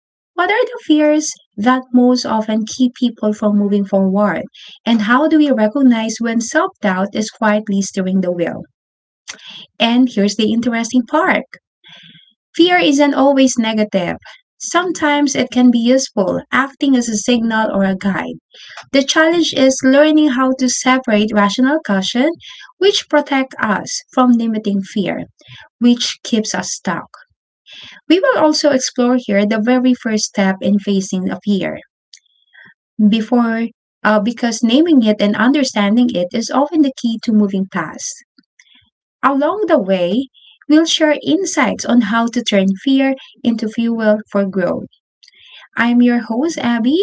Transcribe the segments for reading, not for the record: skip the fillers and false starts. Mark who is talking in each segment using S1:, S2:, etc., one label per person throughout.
S1: But what are the fears that most often keep people from moving forward? And how do we recognize when self doubt is quietly steering the wheel? And here's the interesting part: fear isn't always negative. Sometimes it can be useful, acting as a signal or a guide. The challenge is learning how to separate rational caution, which protect us from limiting fear, which keeps us stuck. We will also explore here the very first step in facing a fear before, because naming it and understanding it is often the key to moving past. Along the way, we'll share insights on how to turn fear into fuel for growth. I'm your host, Abby,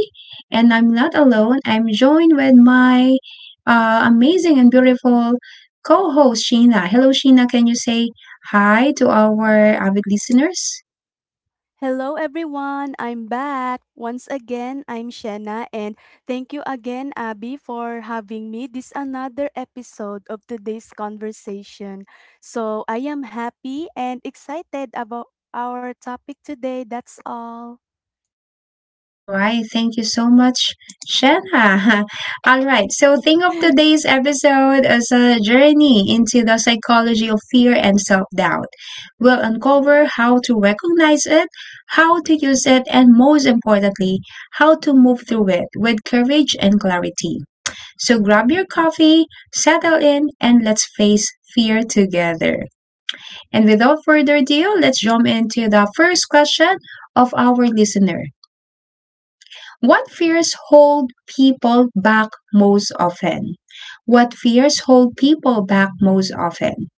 S1: and I'm not alone. I'm joined with my amazing and beautiful co host, Sheena. Hello, Sheena. Can you say hi to our avid listeners?
S2: Hello everyone, I'm back. Once again, I'm Shanna and thank you again Abby for having me this another episode of today's conversation. So, I am happy and excited about our topic today. That's all.
S1: All right, thank you so much, Shanna. All right, so think of today's episode as a journey into the psychology of fear and self doubt. We'll uncover how to recognize it, how to use it, and most importantly, how to move through it with courage and clarity. So grab your coffee, settle in, and let's face fear together. And without further ado, let's jump into the first question of our listener. What fears hold people back most often? What fears hold people back most often?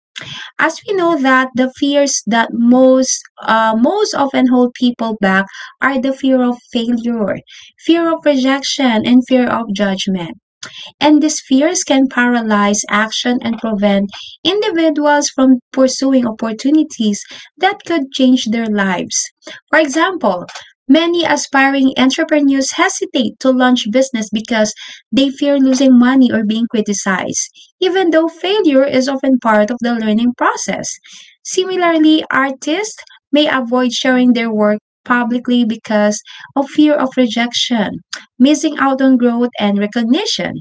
S1: As we know that the fears that most often hold people back are the fear of failure, fear of rejection, and fear of judgment, and these fears can paralyze action and prevent individuals from pursuing opportunities that could change their lives. For example, many aspiring entrepreneurs hesitate to launch business because they fear losing money or being criticized, even though failure is often part of the learning process. Similarly, artists may avoid sharing their work publicly because of fear of rejection, missing out on growth and recognition.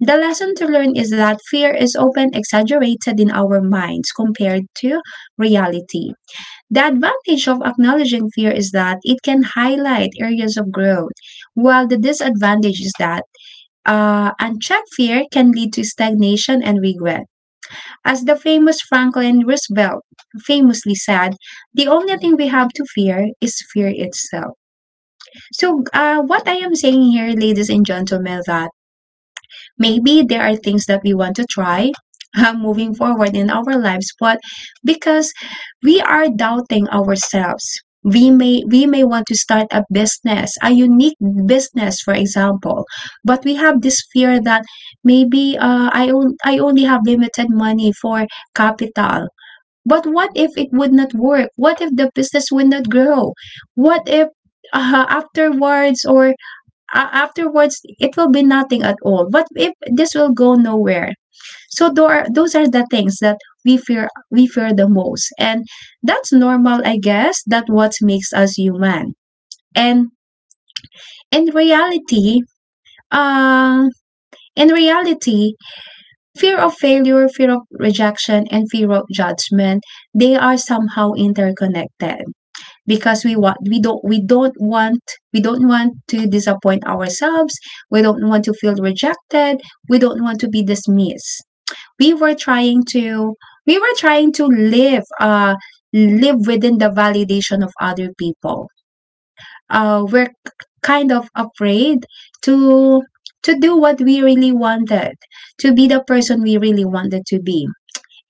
S1: The lesson to learn is that fear is often exaggerated in our minds compared to reality. The advantage of acknowledging fear is that it can highlight areas of growth, while the disadvantage is that unchecked fear can lead to stagnation and regret. As the famous Franklin Roosevelt famously said, the only thing we have to fear is fear itself. So, what I am saying here, ladies and gentlemen, that maybe there are things that we want to try moving forward in our lives, but because we are doubting ourselves, we may, we may want to start a business, a unique business, for example, but we have this fear that maybe I only have limited money for capital. But what if it would not work? What if the business would not grow? What if, uh, afterwards or afterwards, it will be nothing at all, but if this will go nowhere, so there are, those are the things that we fear the most, and that's normal, I guess. That what makes us human. And in reality, uh in reality, fear of failure, fear of rejection, and fear of judgment, they are somehow interconnected because we want, we don't want to disappoint ourselves, we don't want to feel rejected, we don't want to be dismissed. We were trying to we were trying to live, live within the validation of other people. uh we're k- Kind of afraid to to do what we really wanted, to be the person we really wanted to be,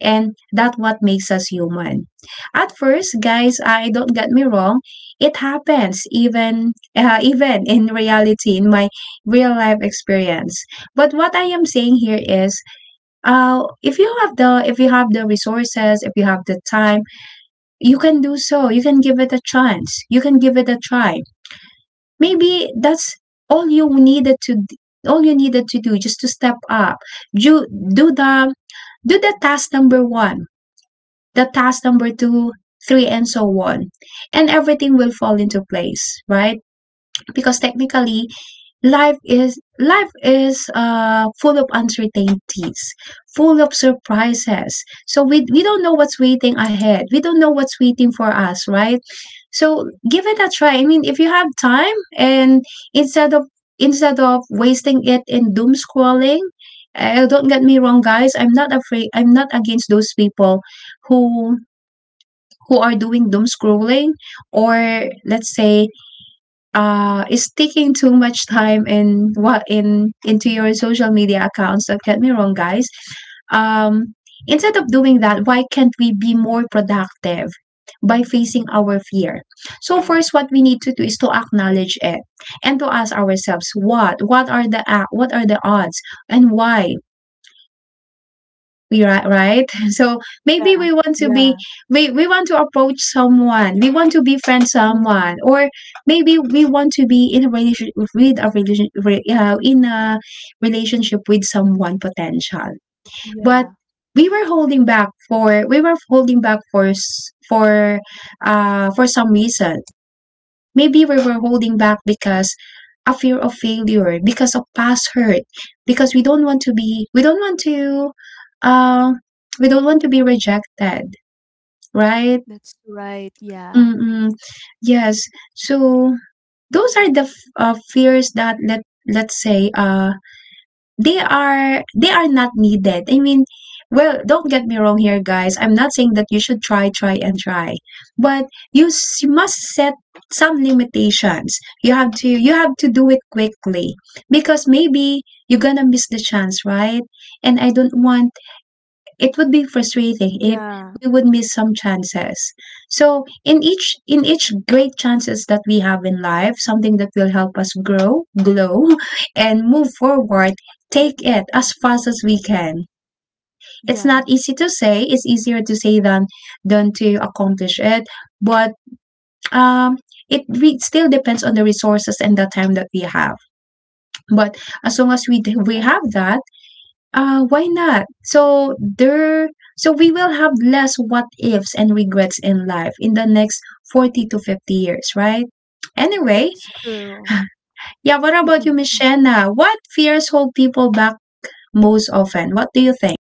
S1: and that's what makes us human. At first, guys, I don't get me wrong, it happens even, even in reality, in my real life experience. But what I am saying here is, if you have the, if you have the resources, if you have the time, you can do so. You can give it a chance. You can give it a try. Maybe that's all you needed to all you needed to do, just to step up. Do do the do the task number one, the task number two, three, and so on. And everything will fall into place, right? Because technically, life is life is full of uncertainties, full of surprises. So we don't know what's waiting ahead. We don't know what's waiting for us, right? So give it a try. I mean, if you have time, and instead of instead of wasting it in doom scrolling. Don't get me wrong, guys. I'm not afraid. I'm not against those people who who are doing doom scrolling, or let's say, is taking too much time in what, in into your social media accounts. Don't get me wrong, guys. um Instead of doing that, why can't we be more productive by facing our fear? So first what we need to do is to acknowledge it, and to ask ourselves, what are the odds, and why we, right so maybe
S2: yeah.
S1: we want to be,
S2: Yeah.
S1: we want to approach someone, we want to befriend
S2: Mm,
S1: someone, or maybe we want to be in a relationship, with a relation re- in a relationship with someone potential, but
S2: yeah.
S1: we were holding back for we were holding back for for some reason. Maybe we were holding back because a fear of failure, because of past hurt, because we don't want to be, we don't want to, uh, we don't want to be rejected, right?
S2: That's right. Yeah.
S1: Mm-mm. Yes. So those are the fears that, let's say, they are, they are not needed. I mean, well, don't get me wrong here, guys. I'm not saying that you should try, try, and try, but you must set some limitations. You have to do it quickly, because maybe you're gonna miss the chance, right? And I don't want, it would be frustrating if
S2: Yeah.
S1: we would miss some chances. So in each great chances that we have in life, something that will help us grow, glow, and move forward,
S2: That's
S1: take it
S2: right.
S1: as fast as we can. It's
S2: Yeah.
S1: not easy to say, it's easier to say than to accomplish it, but um still depends on the resources and the time that we have. But as long as we
S2: That's
S1: we
S2: right.
S1: have that, why not? So there, so we will have less what ifs and regrets in life in the next 40 to 50 years, right? Anyway,
S2: That's true.
S1: yeah, what about you, Miss Shanna? What fears hold people back most often? What do you think?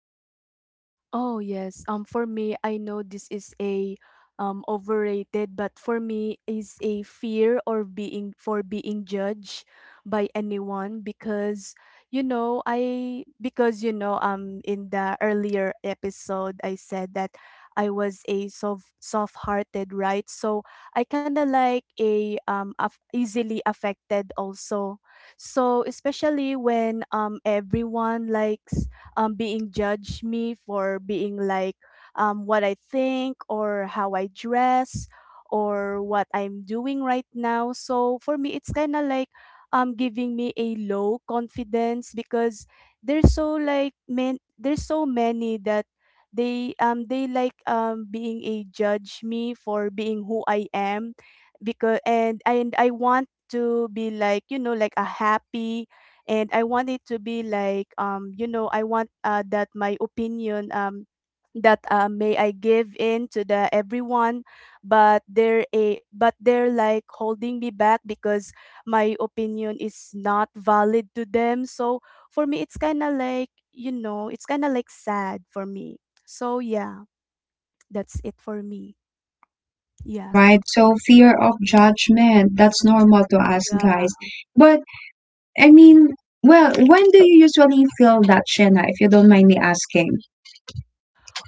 S2: Oh yes. For me, I know this is a overrated, but for me is a fear or being for being judged by anyone because you know I because in the earlier episode I said that I was a soft-hearted, right? So I kind of like a easily affected also. So especially when everyone likes being judge me for being like what I think or how I dress or what I'm doing right now. So for me, it's kind of like giving me a low confidence because there's so like man, there's so many that they like being a judge me for being who I am because and I want to be like, you know, like a happy, and I want it to be like, you know, I want that my opinion, that may I give in to the everyone, but they're a but they're like holding me back because my opinion is not valid to them. So for me, it's kind of like, you know, it's kind of like sad for me. So yeah, that's it for me.
S1: All
S2: Yeah.
S1: right, so fear of judgment, that's normal to us, guys. But, I mean, well, when do you usually feel that, Shena, if you don't mind me asking?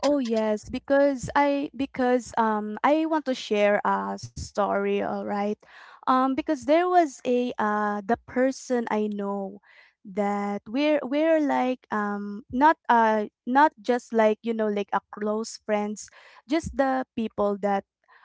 S2: Oh yes, because I want to share a story, all right? Because there was a the person I know that we're like, not, not just like, you know, like a close friends, just the people that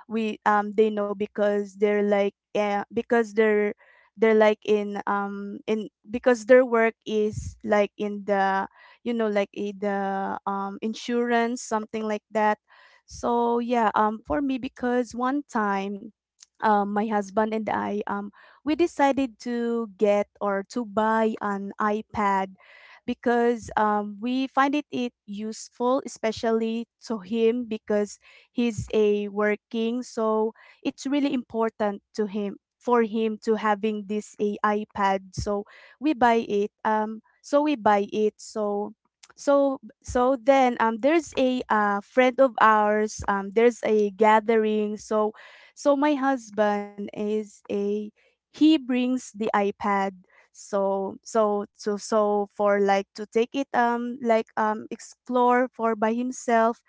S2: we they know because they're like, because they're like in, because their work is like in the, you know, like a the insurance, something like that. So yeah, for me, because one time, my husband and I, we decided to get or to buy an iPad because, we find it, it useful, especially to him because he's a working. So it's really important to him for him to having this a iPad. So we buy it. So we buy it. So then there's a friend of ours, there's a gathering. So so my husband is a, he brings the iPad so for like to take it, like explore for by himself.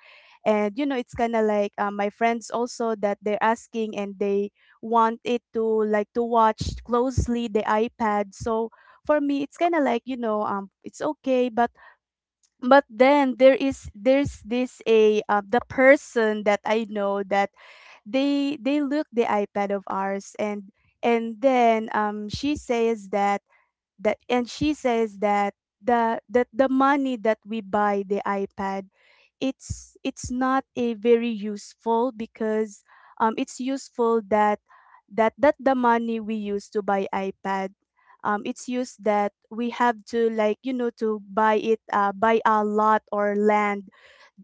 S2: And you know, it's kind of like, my friends also that they're asking and they want it to like to watch closely the iPad. So for me, it's kind of like, you know, it's okay, but then there's this a the person that I know that they look the iPad of ours, and then she says that and she says that the money that we buy the iPad, it's not a very useful because it's useful that that the money we use to buy iPad, it's used that we have to like, you know, to buy it buy a lot or land,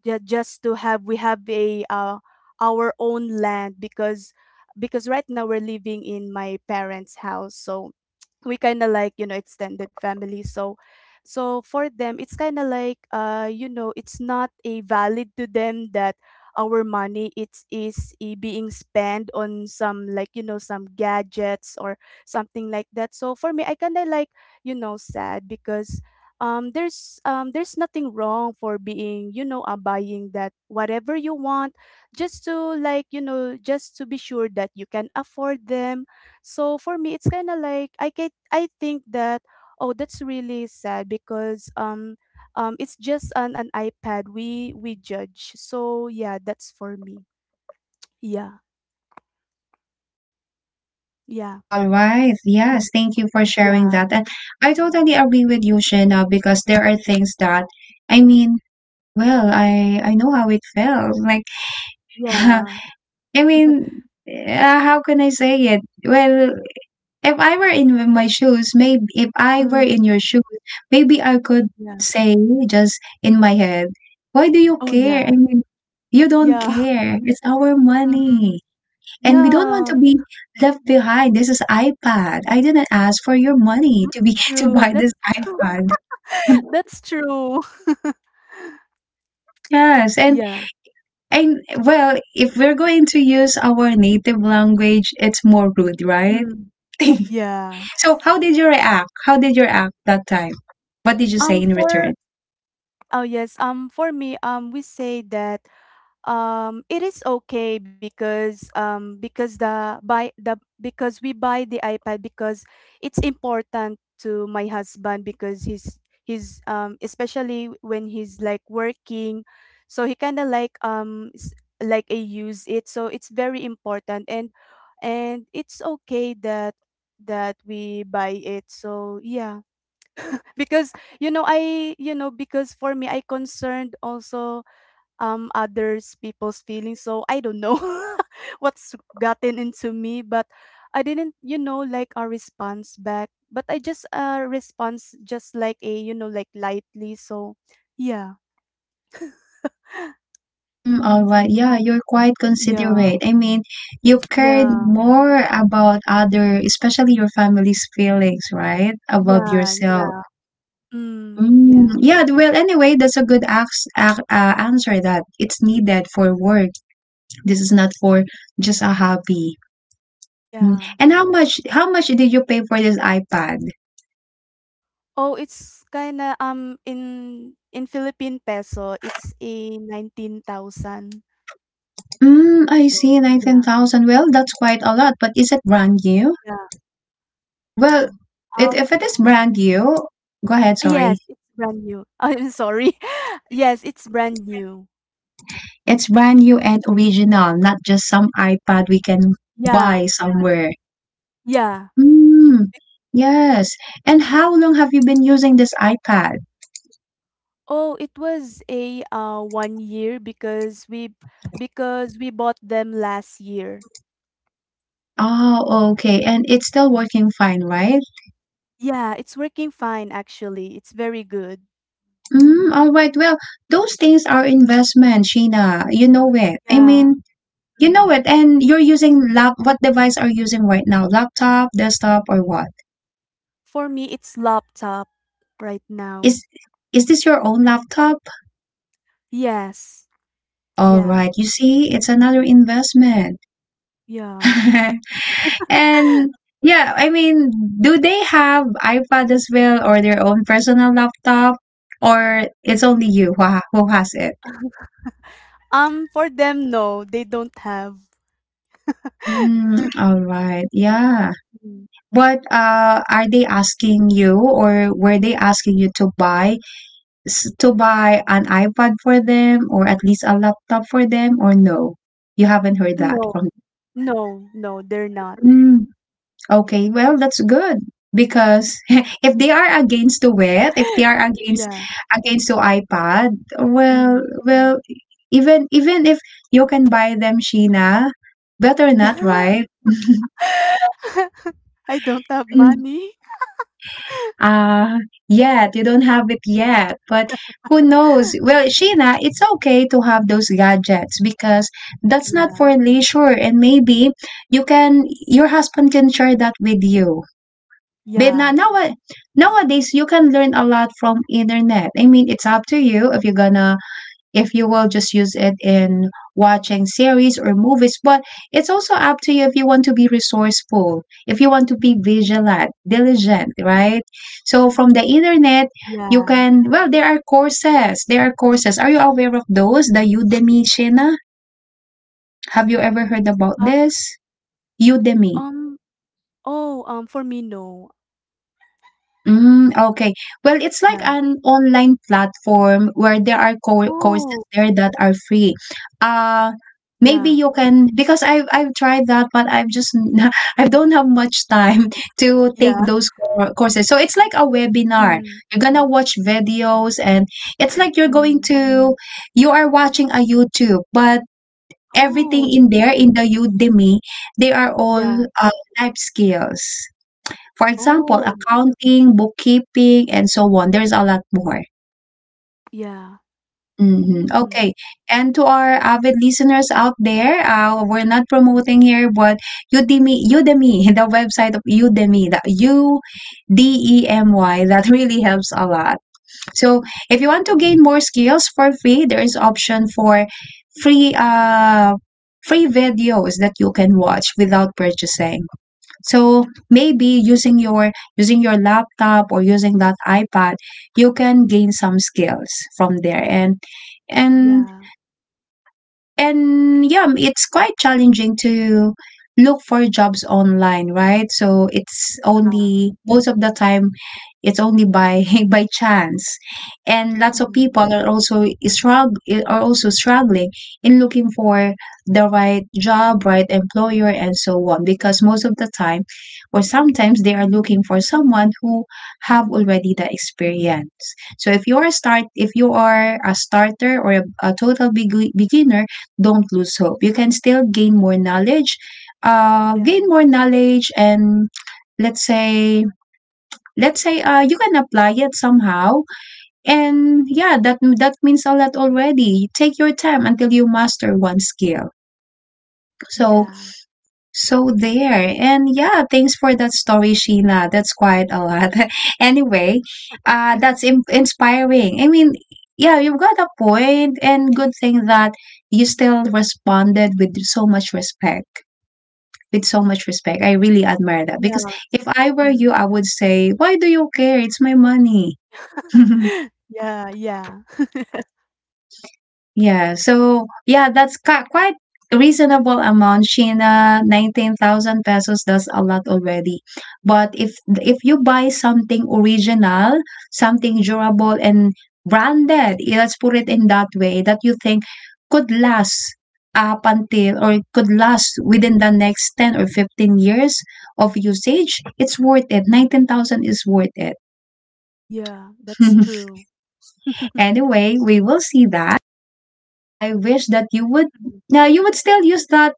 S2: just to have, we have a our own land, because right now we're living in my parents' house. So we kind of like, you know, extended family. So so for them, it's kind of like, you know, it's not a valid to them that our money it is being spent on some like, you know, some gadgets or something like that. So for me, I kind of like, you know, sad because there's, there's nothing wrong for being, you know, buying that whatever you want, just to like, you know, just to be sure that you can afford them. So for me, it's kind of like, I think that, oh, that's really sad because it's just an iPad we judge. So yeah, that's for me. Yeah. Yeah.
S1: All right.
S2: mm,
S1: Yes. Thank you for sharing
S2: yeah
S1: that. And I totally agree with you, Shena, because there are things that, I mean, well, I know how it felt. Like, I
S2: yeah
S1: mean, how can I say it? Well, if I were in my shoes, maybe if I were in
S2: mm,
S1: your shoes, maybe I could
S2: yeah
S1: say, just in my head, why do you
S2: oh
S1: care? I
S2: yeah.
S1: mean, you don't
S2: Yeah.
S1: care. It's our
S2: mm,
S1: money. And we don't want
S2: yeah
S1: to be left behind. This is iPad. I didn't ask for your money to be to buy
S2: That's
S1: this
S2: true,
S1: iPad.
S2: that's true.
S1: Yes, and
S2: Yeah,
S1: and well, if we're going to use our native language, it's more rude, right?
S2: mm, yeah.
S1: So how did you react? How did you react that time? What did you say in
S2: For
S1: return?
S2: Oh yes, for me, we say that, it is okay because the buy the because we buy the iPad because it's important to my husband because he's, especially when he's like working, so he kind of like like I use it, so it's very important. And it's okay that that we buy it. So yeah, because you know, because for me, I concerned also others people's feelings. So I don't know what's gotten into me, but I didn't, you know, like a response back. But I just response just like a, you know, like lightly. So yeah,
S1: Mm, all right, yeah, you're quite
S2: yeah,
S1: considerate. I mean, you cared
S2: yeah,
S1: more about other, especially your family's feelings, right, above yourself.
S2: yeah.
S1: Mm,
S2: Yeah,
S1: yeah, well, anyway, that's a good ax ac answer, that it's needed for work. This is not for just a hobby. Mm.
S2: yeah.
S1: And how much did you pay for this iPad?
S2: Oh, it's kinda in Philippine peso, it's a 19,000.
S1: Mm, I
S2: So
S1: see,
S2: yeah,
S1: 19,000. Well, that's quite a lot, but is it brand new?
S2: yeah.
S1: Well, it,
S2: Um
S1: if it is brand new, go ahead, sorry.
S2: Yes, it's brand new. I'm sorry. Yes, it's brand new.
S1: It's brand new and original, not just some iPad we can
S2: Yeah,
S1: buy somewhere.
S2: yeah.
S1: Mm, yes. And how long have you been using this iPad?
S2: Oh, it was a 1 year because we bought them last year.
S1: Oh, okay. And it's still working fine, right?
S2: Yeah, it's working fine actually. It's very good.
S1: Mm, all right. Well, those things are investment, Sheena. You know it. I
S2: Yeah.
S1: mean, you know
S2: Mm.
S1: it. And you're using lap. What device are you using right now? Laptop, desktop, or what?
S2: For me, it's laptop right
S1: Is
S2: now.
S1: is this your own laptop?
S2: Yes.
S1: All
S2: Yeah.
S1: right. You see, it's another investment.
S2: Yeah.
S1: And yeah, I mean, do they have iPad as well, or their own personal laptop, or it's only you who has it?
S2: For them, no, they don't have.
S1: Mm, all right.
S2: Yeah.
S1: Yeah.
S2: Mm.
S1: But are they asking you, or were they asking you to buy to buy an iPad for them, or at least a laptop for them, or no? You haven't heard that
S2: No.
S1: from.
S2: No, no, they're not.
S1: Mm, okay. Well, that's good because if they are against to it, if they are against
S2: Yeah,
S1: against to iPad, well,
S2: mm.
S1: well, even if you can buy them, Sheena, better not, right?
S2: I don't have money.
S1: Uh, yet you don't have it yet, but who knows? Well, Sheena, it's okay to have those gadgets because that's not for
S2: Yeah,
S1: leisure, and maybe you can your husband can share that with you. But
S2: yeah,
S1: nowadays you can learn a lot from internet. I mean, it's up to you if you're gonna if you will just use it in watching series or movies. But it's also up to you if you want to be resourceful, if you want to be vigilant, diligent, right? So from the internet, you
S2: yeah.
S1: can, well, there are courses. There are courses. Are you aware of those? The Udemy, Shena? Have you ever heard about
S2: Um,
S1: this? Udemy.
S2: um, oh, for me, no.
S1: Mm, okay. Well, it's like
S2: Yeah.
S1: an online platform where there are co courses
S2: Oh,
S1: there that are free. Uh, maybe
S2: yeah,
S1: you can because I've tried that, but I've just I don't have much time to take
S2: yeah.
S1: those courses. So it's like a webinar.
S2: Mm,
S1: You're gonna watch videos, and it's like you're going
S2: mm.
S1: to you are watching a YouTube, but everything in
S2: Oh,
S1: there in the Udemy, they are all
S2: yeah.
S1: uh, life skills. For example,
S2: Oh,
S1: accounting, bookkeeping, and so on. There's a lot more.
S2: yeah. Mm,
S1: Okay. And to our avid listeners out there, we're not promoting here, but Udemy, the website of Udemy, the Udemy, that really helps a lot. So if you want to gain more skills for free, there is option for free free videos that you can watch without purchasing. So maybe using your laptop or using that iPad, you can gain some skills from there. And
S2: yeah,
S1: and yeah, it's quite challenging to look for jobs online, right? So it's
S2: yeah.
S1: only most of the time it's only by by chance. And lots of
S2: Mm,
S1: people are also struggle are also struggling in looking for the right job, right employer and so on because most of the time or sometimes they are looking for someone who have already the experience. So if you are start if you are a starter or a total beginner don't lose hope. You can still
S2: yeah,
S1: gain more knowledge, and let's say let's say you can apply it somehow. And yeah, that means a lot already. Take your time until you master one skill. So
S2: yeah.
S1: so there. And yeah, thanks for that story, Sheena. That's quite a lot. anyway, that's inspiring. I mean. Yeah, you've got a point, and good thing that you still responded with so much respect. With so much respect. I really admire that
S2: Yeah.
S1: because if I were you,
S2: Mm.
S1: I would say, "Why do you care? It's my money."
S2: Yeah, yeah.
S1: Yeah. So yeah, that's quite reasonable amount. Sheena, 19,000 pesos. That's a lot already. But if you buy something original, something durable and branded, yeah, let's put it in that way, that you think could last up until or could last within the next 10 or 15 years of usage, it's worth it. 19,000 is worth it.
S2: Yeah, that's true.
S1: Anyway, we will see that. I wish that you would now you would still use that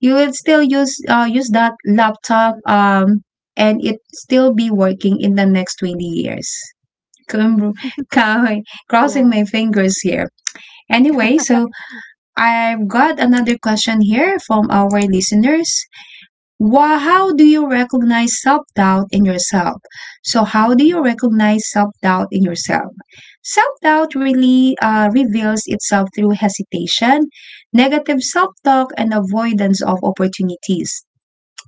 S1: you will still use use that laptop
S2: Mm,
S1: and it still be working in the next 20 years. Kum-
S2: mm.
S1: ka- Crossing
S2: Yeah.
S1: my fingers here. Anyway, so I've got another question here from our listeners. Wha how do you recognize self-doubt in yourself? So how do you recognize self-doubt in yourself? Self-doubt really reveals itself through hesitation, negative self-talk, and avoidance of opportunities.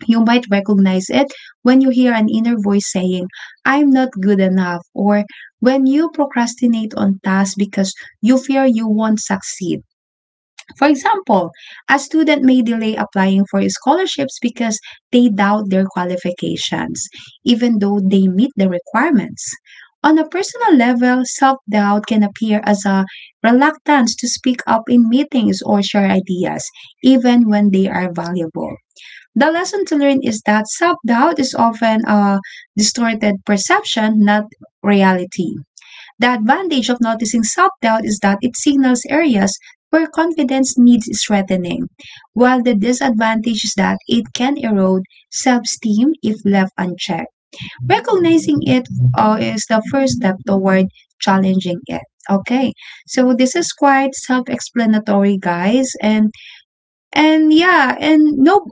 S1: You might recognize it when you hear an inner voice saying, "I'm not good enough," or when you procrastinate on tasks because you fear you won't succeed. For example, a student may delay applying for scholarships because they doubt their qualifications, even though they meet the requirements. On a personal level, self doubt can appear as a reluctance to speak up in meetings or share ideas, even when they are valuable. The lesson to learn is that self doubt is often a distorted perception, not reality. The advantage of noticing self doubt is that it signals areas where confidence needs strengthening, while the disadvantage is that it can erode self esteem if left unchecked. Recognizing it is the first step toward challenging it. Okay, so this is quite self explanatory, guys. And yeah, and no,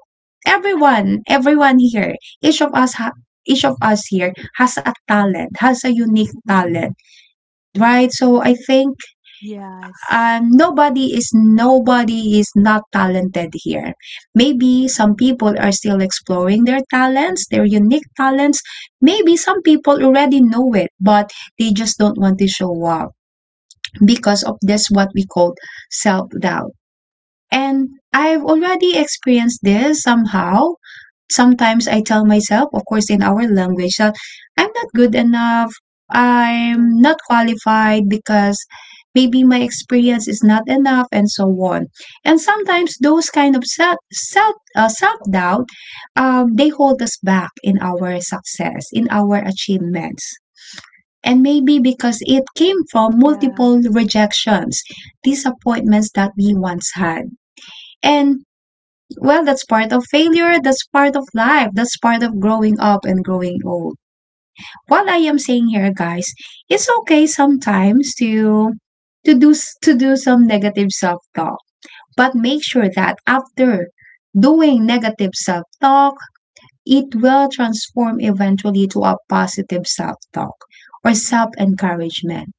S1: everyone here, each of us, ha- each of us here has a talent, has a unique talent, right? So I think
S2: Yes.
S1: nobody is not talented here. Maybe some people are still exploring their talents, their unique talents. Maybe some people already know it, but they just don't want to show up because of this what we call self doubt. And I've already experienced this somehow sometimes I tell myself, of course, in our language, that I'm not good enough,
S2: Yeah,
S1: I'm not qualified because maybe my experience is not enough, and so on. And sometimes those kind of self self doubt, they hold us back in our success, in our achievements. And maybe because it came from multiple
S2: yes.
S1: rejections, disappointments that we once had. And well, that's part of failure, that's part of life, that's part of growing up and growing old. What I am saying here, guys, it's okay sometimes to to do some negative self-talk, but make sure that after doing negative self-talk, it will transform eventually to a positive self-talk or self-encouragement,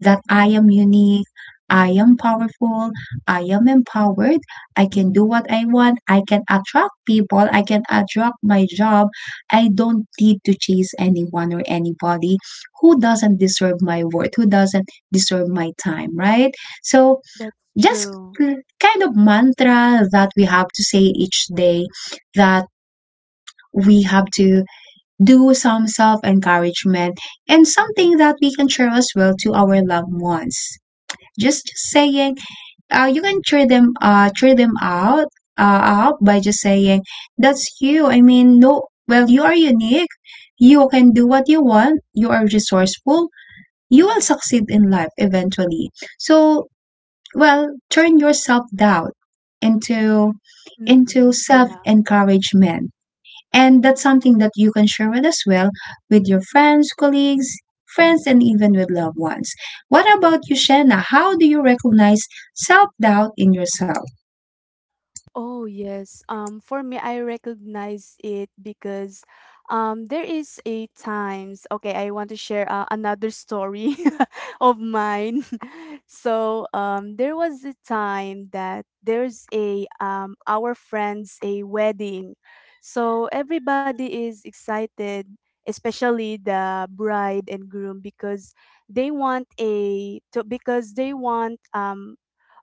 S1: that I am unique, I am powerful, I am empowered, I can do what I want, I can attract people, I can attract my job. I don't need to chase anyone or anybody who doesn't deserve my worth, who doesn't deserve my time, right? So
S2: That's
S1: just
S2: true.
S1: kind of mantra that we have to say each day that we have to do some self encouragement and something that we can share as well to our loved ones. Just saying, you can cheer them out, up by just saying, "That's you." I mean, no, well, you are unique. You can do what you want. You are resourceful. You will succeed in life eventually. So, well, turn your self doubt into into
S2: Mhm.
S1: self
S2: Yeah.
S1: encouragement. And that's something that you can share with us well with your friends, colleagues, friends, and even with loved ones. What about you, Shanna? How do you recognize self doubt in yourself?
S2: Oh yes. For me, I recognize it because there is a times, okay, I want to share, another story of mine. So there was a time that there's a our friends a wedding. So everybody is excited, especially the bride and groom, because they want a to because they want um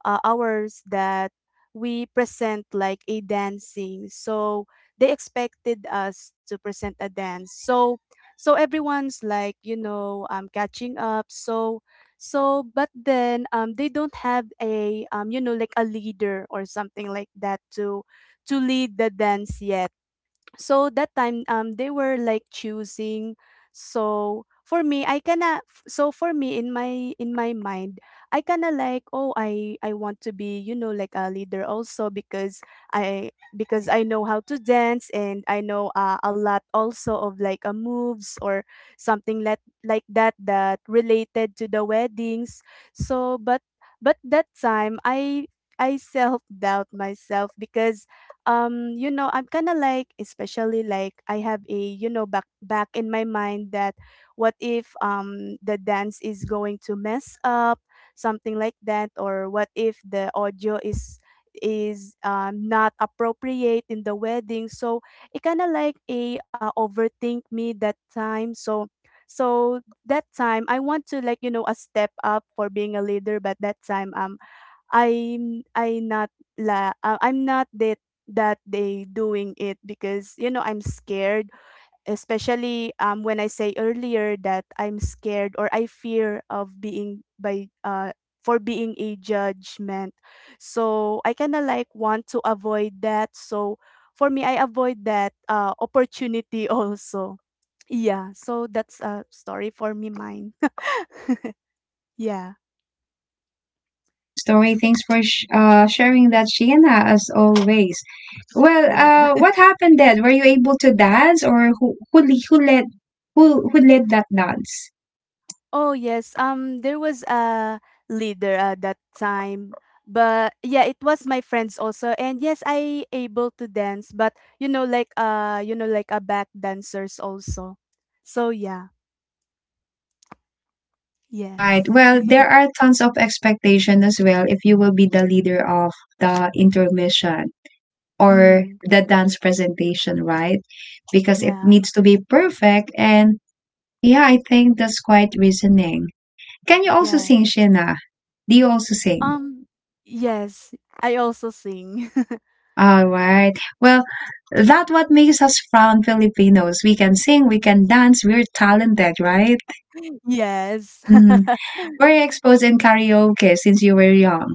S2: uh, hours that we present like a dancing. So they expected us to present a dance. So so everyone's like, you know, catching up. So so but then they don't have a you know, like a leader or something like that to lead the dance yet. So that time, they were like choosing. So for me, so for me, in my mind, I kinda like, oh, I want to be, you know, like a leader also because I because I know how to dance, and I know, a lot also of like, moves or something like that that related to the weddings. So but that time, I self doubt myself because you know, I'm kind of like, especially like I have a, you know, back in my mind that what if the dance is going to mess up, something like that, or what if the audio is, not appropriate in the wedding. So it kind of like a overthink me that time. So so that time, I want to, like, you know, a step up for being a leader, but that time I'm, I'm not that day doing it because, you know, I'm scared, especially when I say earlier that I'm scared or I fear of being by for being a judgment. So I kind of like want to avoid that. So for me, I avoid that opportunity also. Yeah, so that's a story for me mine. Yeah.
S1: All right, that's quite a story. Thanks for sharing that, Shanna, as always. Well,
S2: Yeah.
S1: what happened then? Were you able to dance, or who led who led that dance?
S2: Oh yes, there was a leader at that time. But yeah, it was my friends also. And yes, I able to dance, but you know, like you know, like a back dancers also. So yeah,
S1: All right.
S2: yes.
S1: Well, there are tons of expectation as well if you will be the leader of the intermission. Or
S2: mm,
S1: the dance presentation, right? Because it
S2: yeah.
S1: needs to be perfect. And yeah, I think that's quite reasoning. Can you also sing,
S2: Yes.
S1: Shina? Do you also sing?
S2: Um yes, I also sing.
S1: All right. Well, that what makes us proud Filipinos. We can sing, we can dance, we're talented, right?
S2: Yes.
S1: Mm. Were you exposed in karaoke since you were young?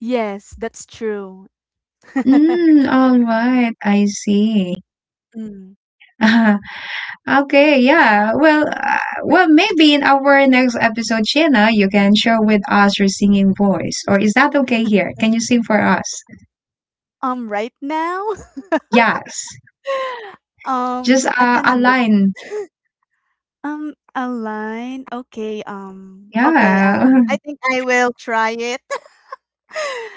S2: Yes, that's true.
S1: Mm, all right. I see.
S2: Mm.
S1: Okay, yeah. Well, well, maybe in our next episode, Shena, you can share with us your singing voice. Or is that okay here? Can you sing for us?
S2: Um, right now,
S1: Yes. Just
S2: I can.
S1: a
S2: Of
S1: line.
S2: A line? Okay, okay, I
S1: Yeah.
S2: think I will try it.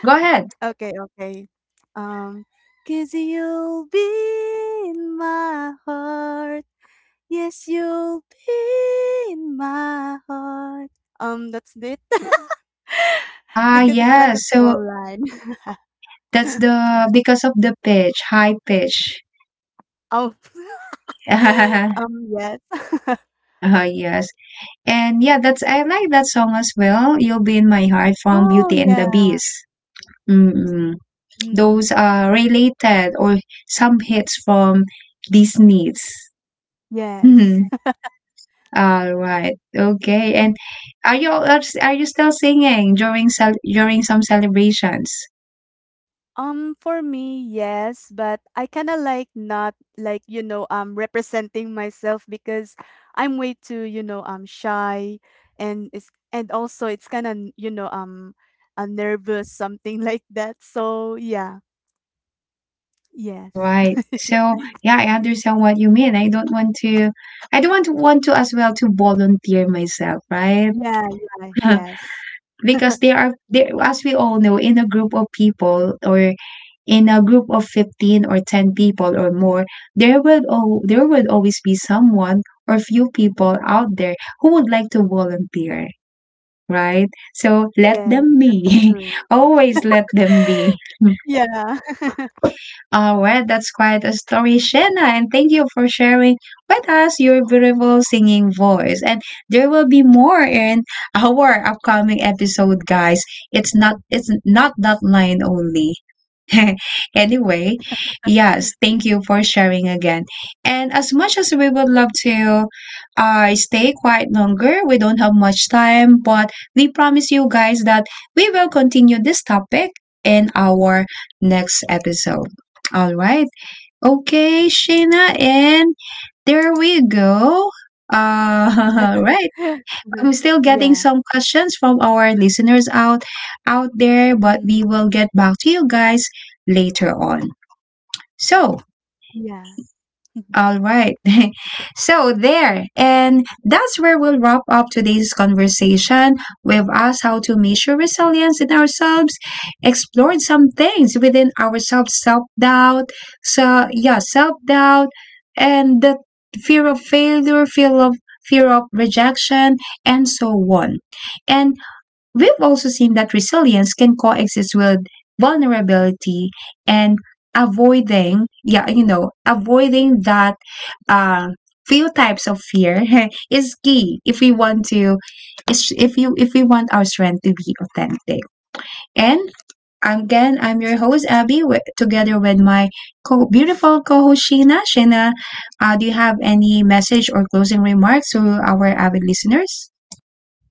S1: Go ahead.
S2: Okay, okay. Um, because 'cause you'll be in my heart. Yes, you'll be in my heart. That's it.
S1: Ah,
S2: Because it's like a
S1: yes. So
S2: small line.
S1: that's the because of the pitch, high pitch.
S2: Oh, yes.
S1: Ah, yes. And yeah, that's I like that song as well. You'll be in my heart from
S2: Oh,
S1: Beauty and the
S2: yeah.
S1: Beast. Mm-mm.
S2: Mm,
S1: Those are related or some hits from Disney's.
S2: yes.
S1: Mhm. All right. Okay. And are you still singing during during some celebrations?
S2: For me, yes, but I kind of like not like, you know, representing myself because I'm way too, you know, shy. And it's, and also it's kind of, you know, nervous something like that. So yeah,
S1: All
S2: yes,
S1: right. So yeah, I understand what you mean. I don't want to as well to volunteer myself, right?
S2: yeah, yeah, yes,
S1: because as we all know, in a group of people or in a group of 15 or 10 people or more, there will there will always be someone or few people out there who would like to volunteer, right? So let
S2: yes,
S1: them
S2: that's
S1: be.
S2: true.
S1: always let them be.
S2: Yeah,
S1: All right, that's quite a story, Shanna, and thank you for sharing with us your beautiful singing voice. And there will be more in our upcoming episode, guys. It's not that line only. anyway, yes, thank you for sharing again. And as much as we would love to stay quite longer, we don't have much time, but we promise you guys that we will continue this topic in our next episode. All right. Okay, Shayna, and there we go. Uh, all right. I'm still getting
S2: yeah,
S1: some questions from our listeners out there, but we
S2: mm,
S1: will get back to you guys later on. So,
S2: yeah.
S1: all right. so there, and that's where we'll wrap up today's conversation. We've asked how to measure resilience in ourselves, explored some things within ourselves, self-doubt, so yeah, self-doubt and the fear of failure, fear of rejection, and so on. And we've also seen that resilience can coexist with vulnerability and avoiding, yeah, you know, avoiding that uh, few types of fear is key if we want to, if you if we want our strength to be authentic. And again, I'm your host Abby, with, together with my beautiful co-host Sheena. Sheena, do you have any message or closing remarks to our avid listeners?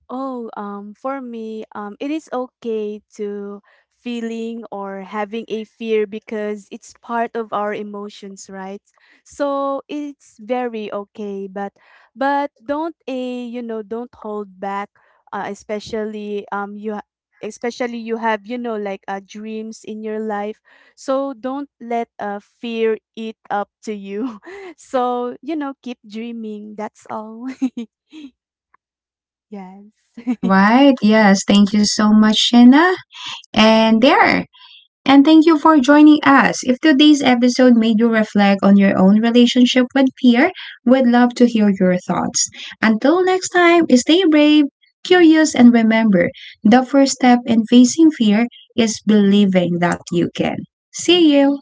S2: Oh, for me, it is okay to feeling or having a fear because it's part of our emotions, right? So it's very okay, but don't a, you know, don't hold back, especially you especially you have, you know, like, dreams in your life, so don't let, fear eat up to you. So you know, keep dreaming. That's all. Yes.
S1: All right. Yes. Thank you so much, Shena. And there. And thank you for joining us. If today's episode made you reflect on your own relationship with fear, we'd love to hear your thoughts. Until next time, stay brave, curious, and remember the first step in facing fear is believing that you can. See you.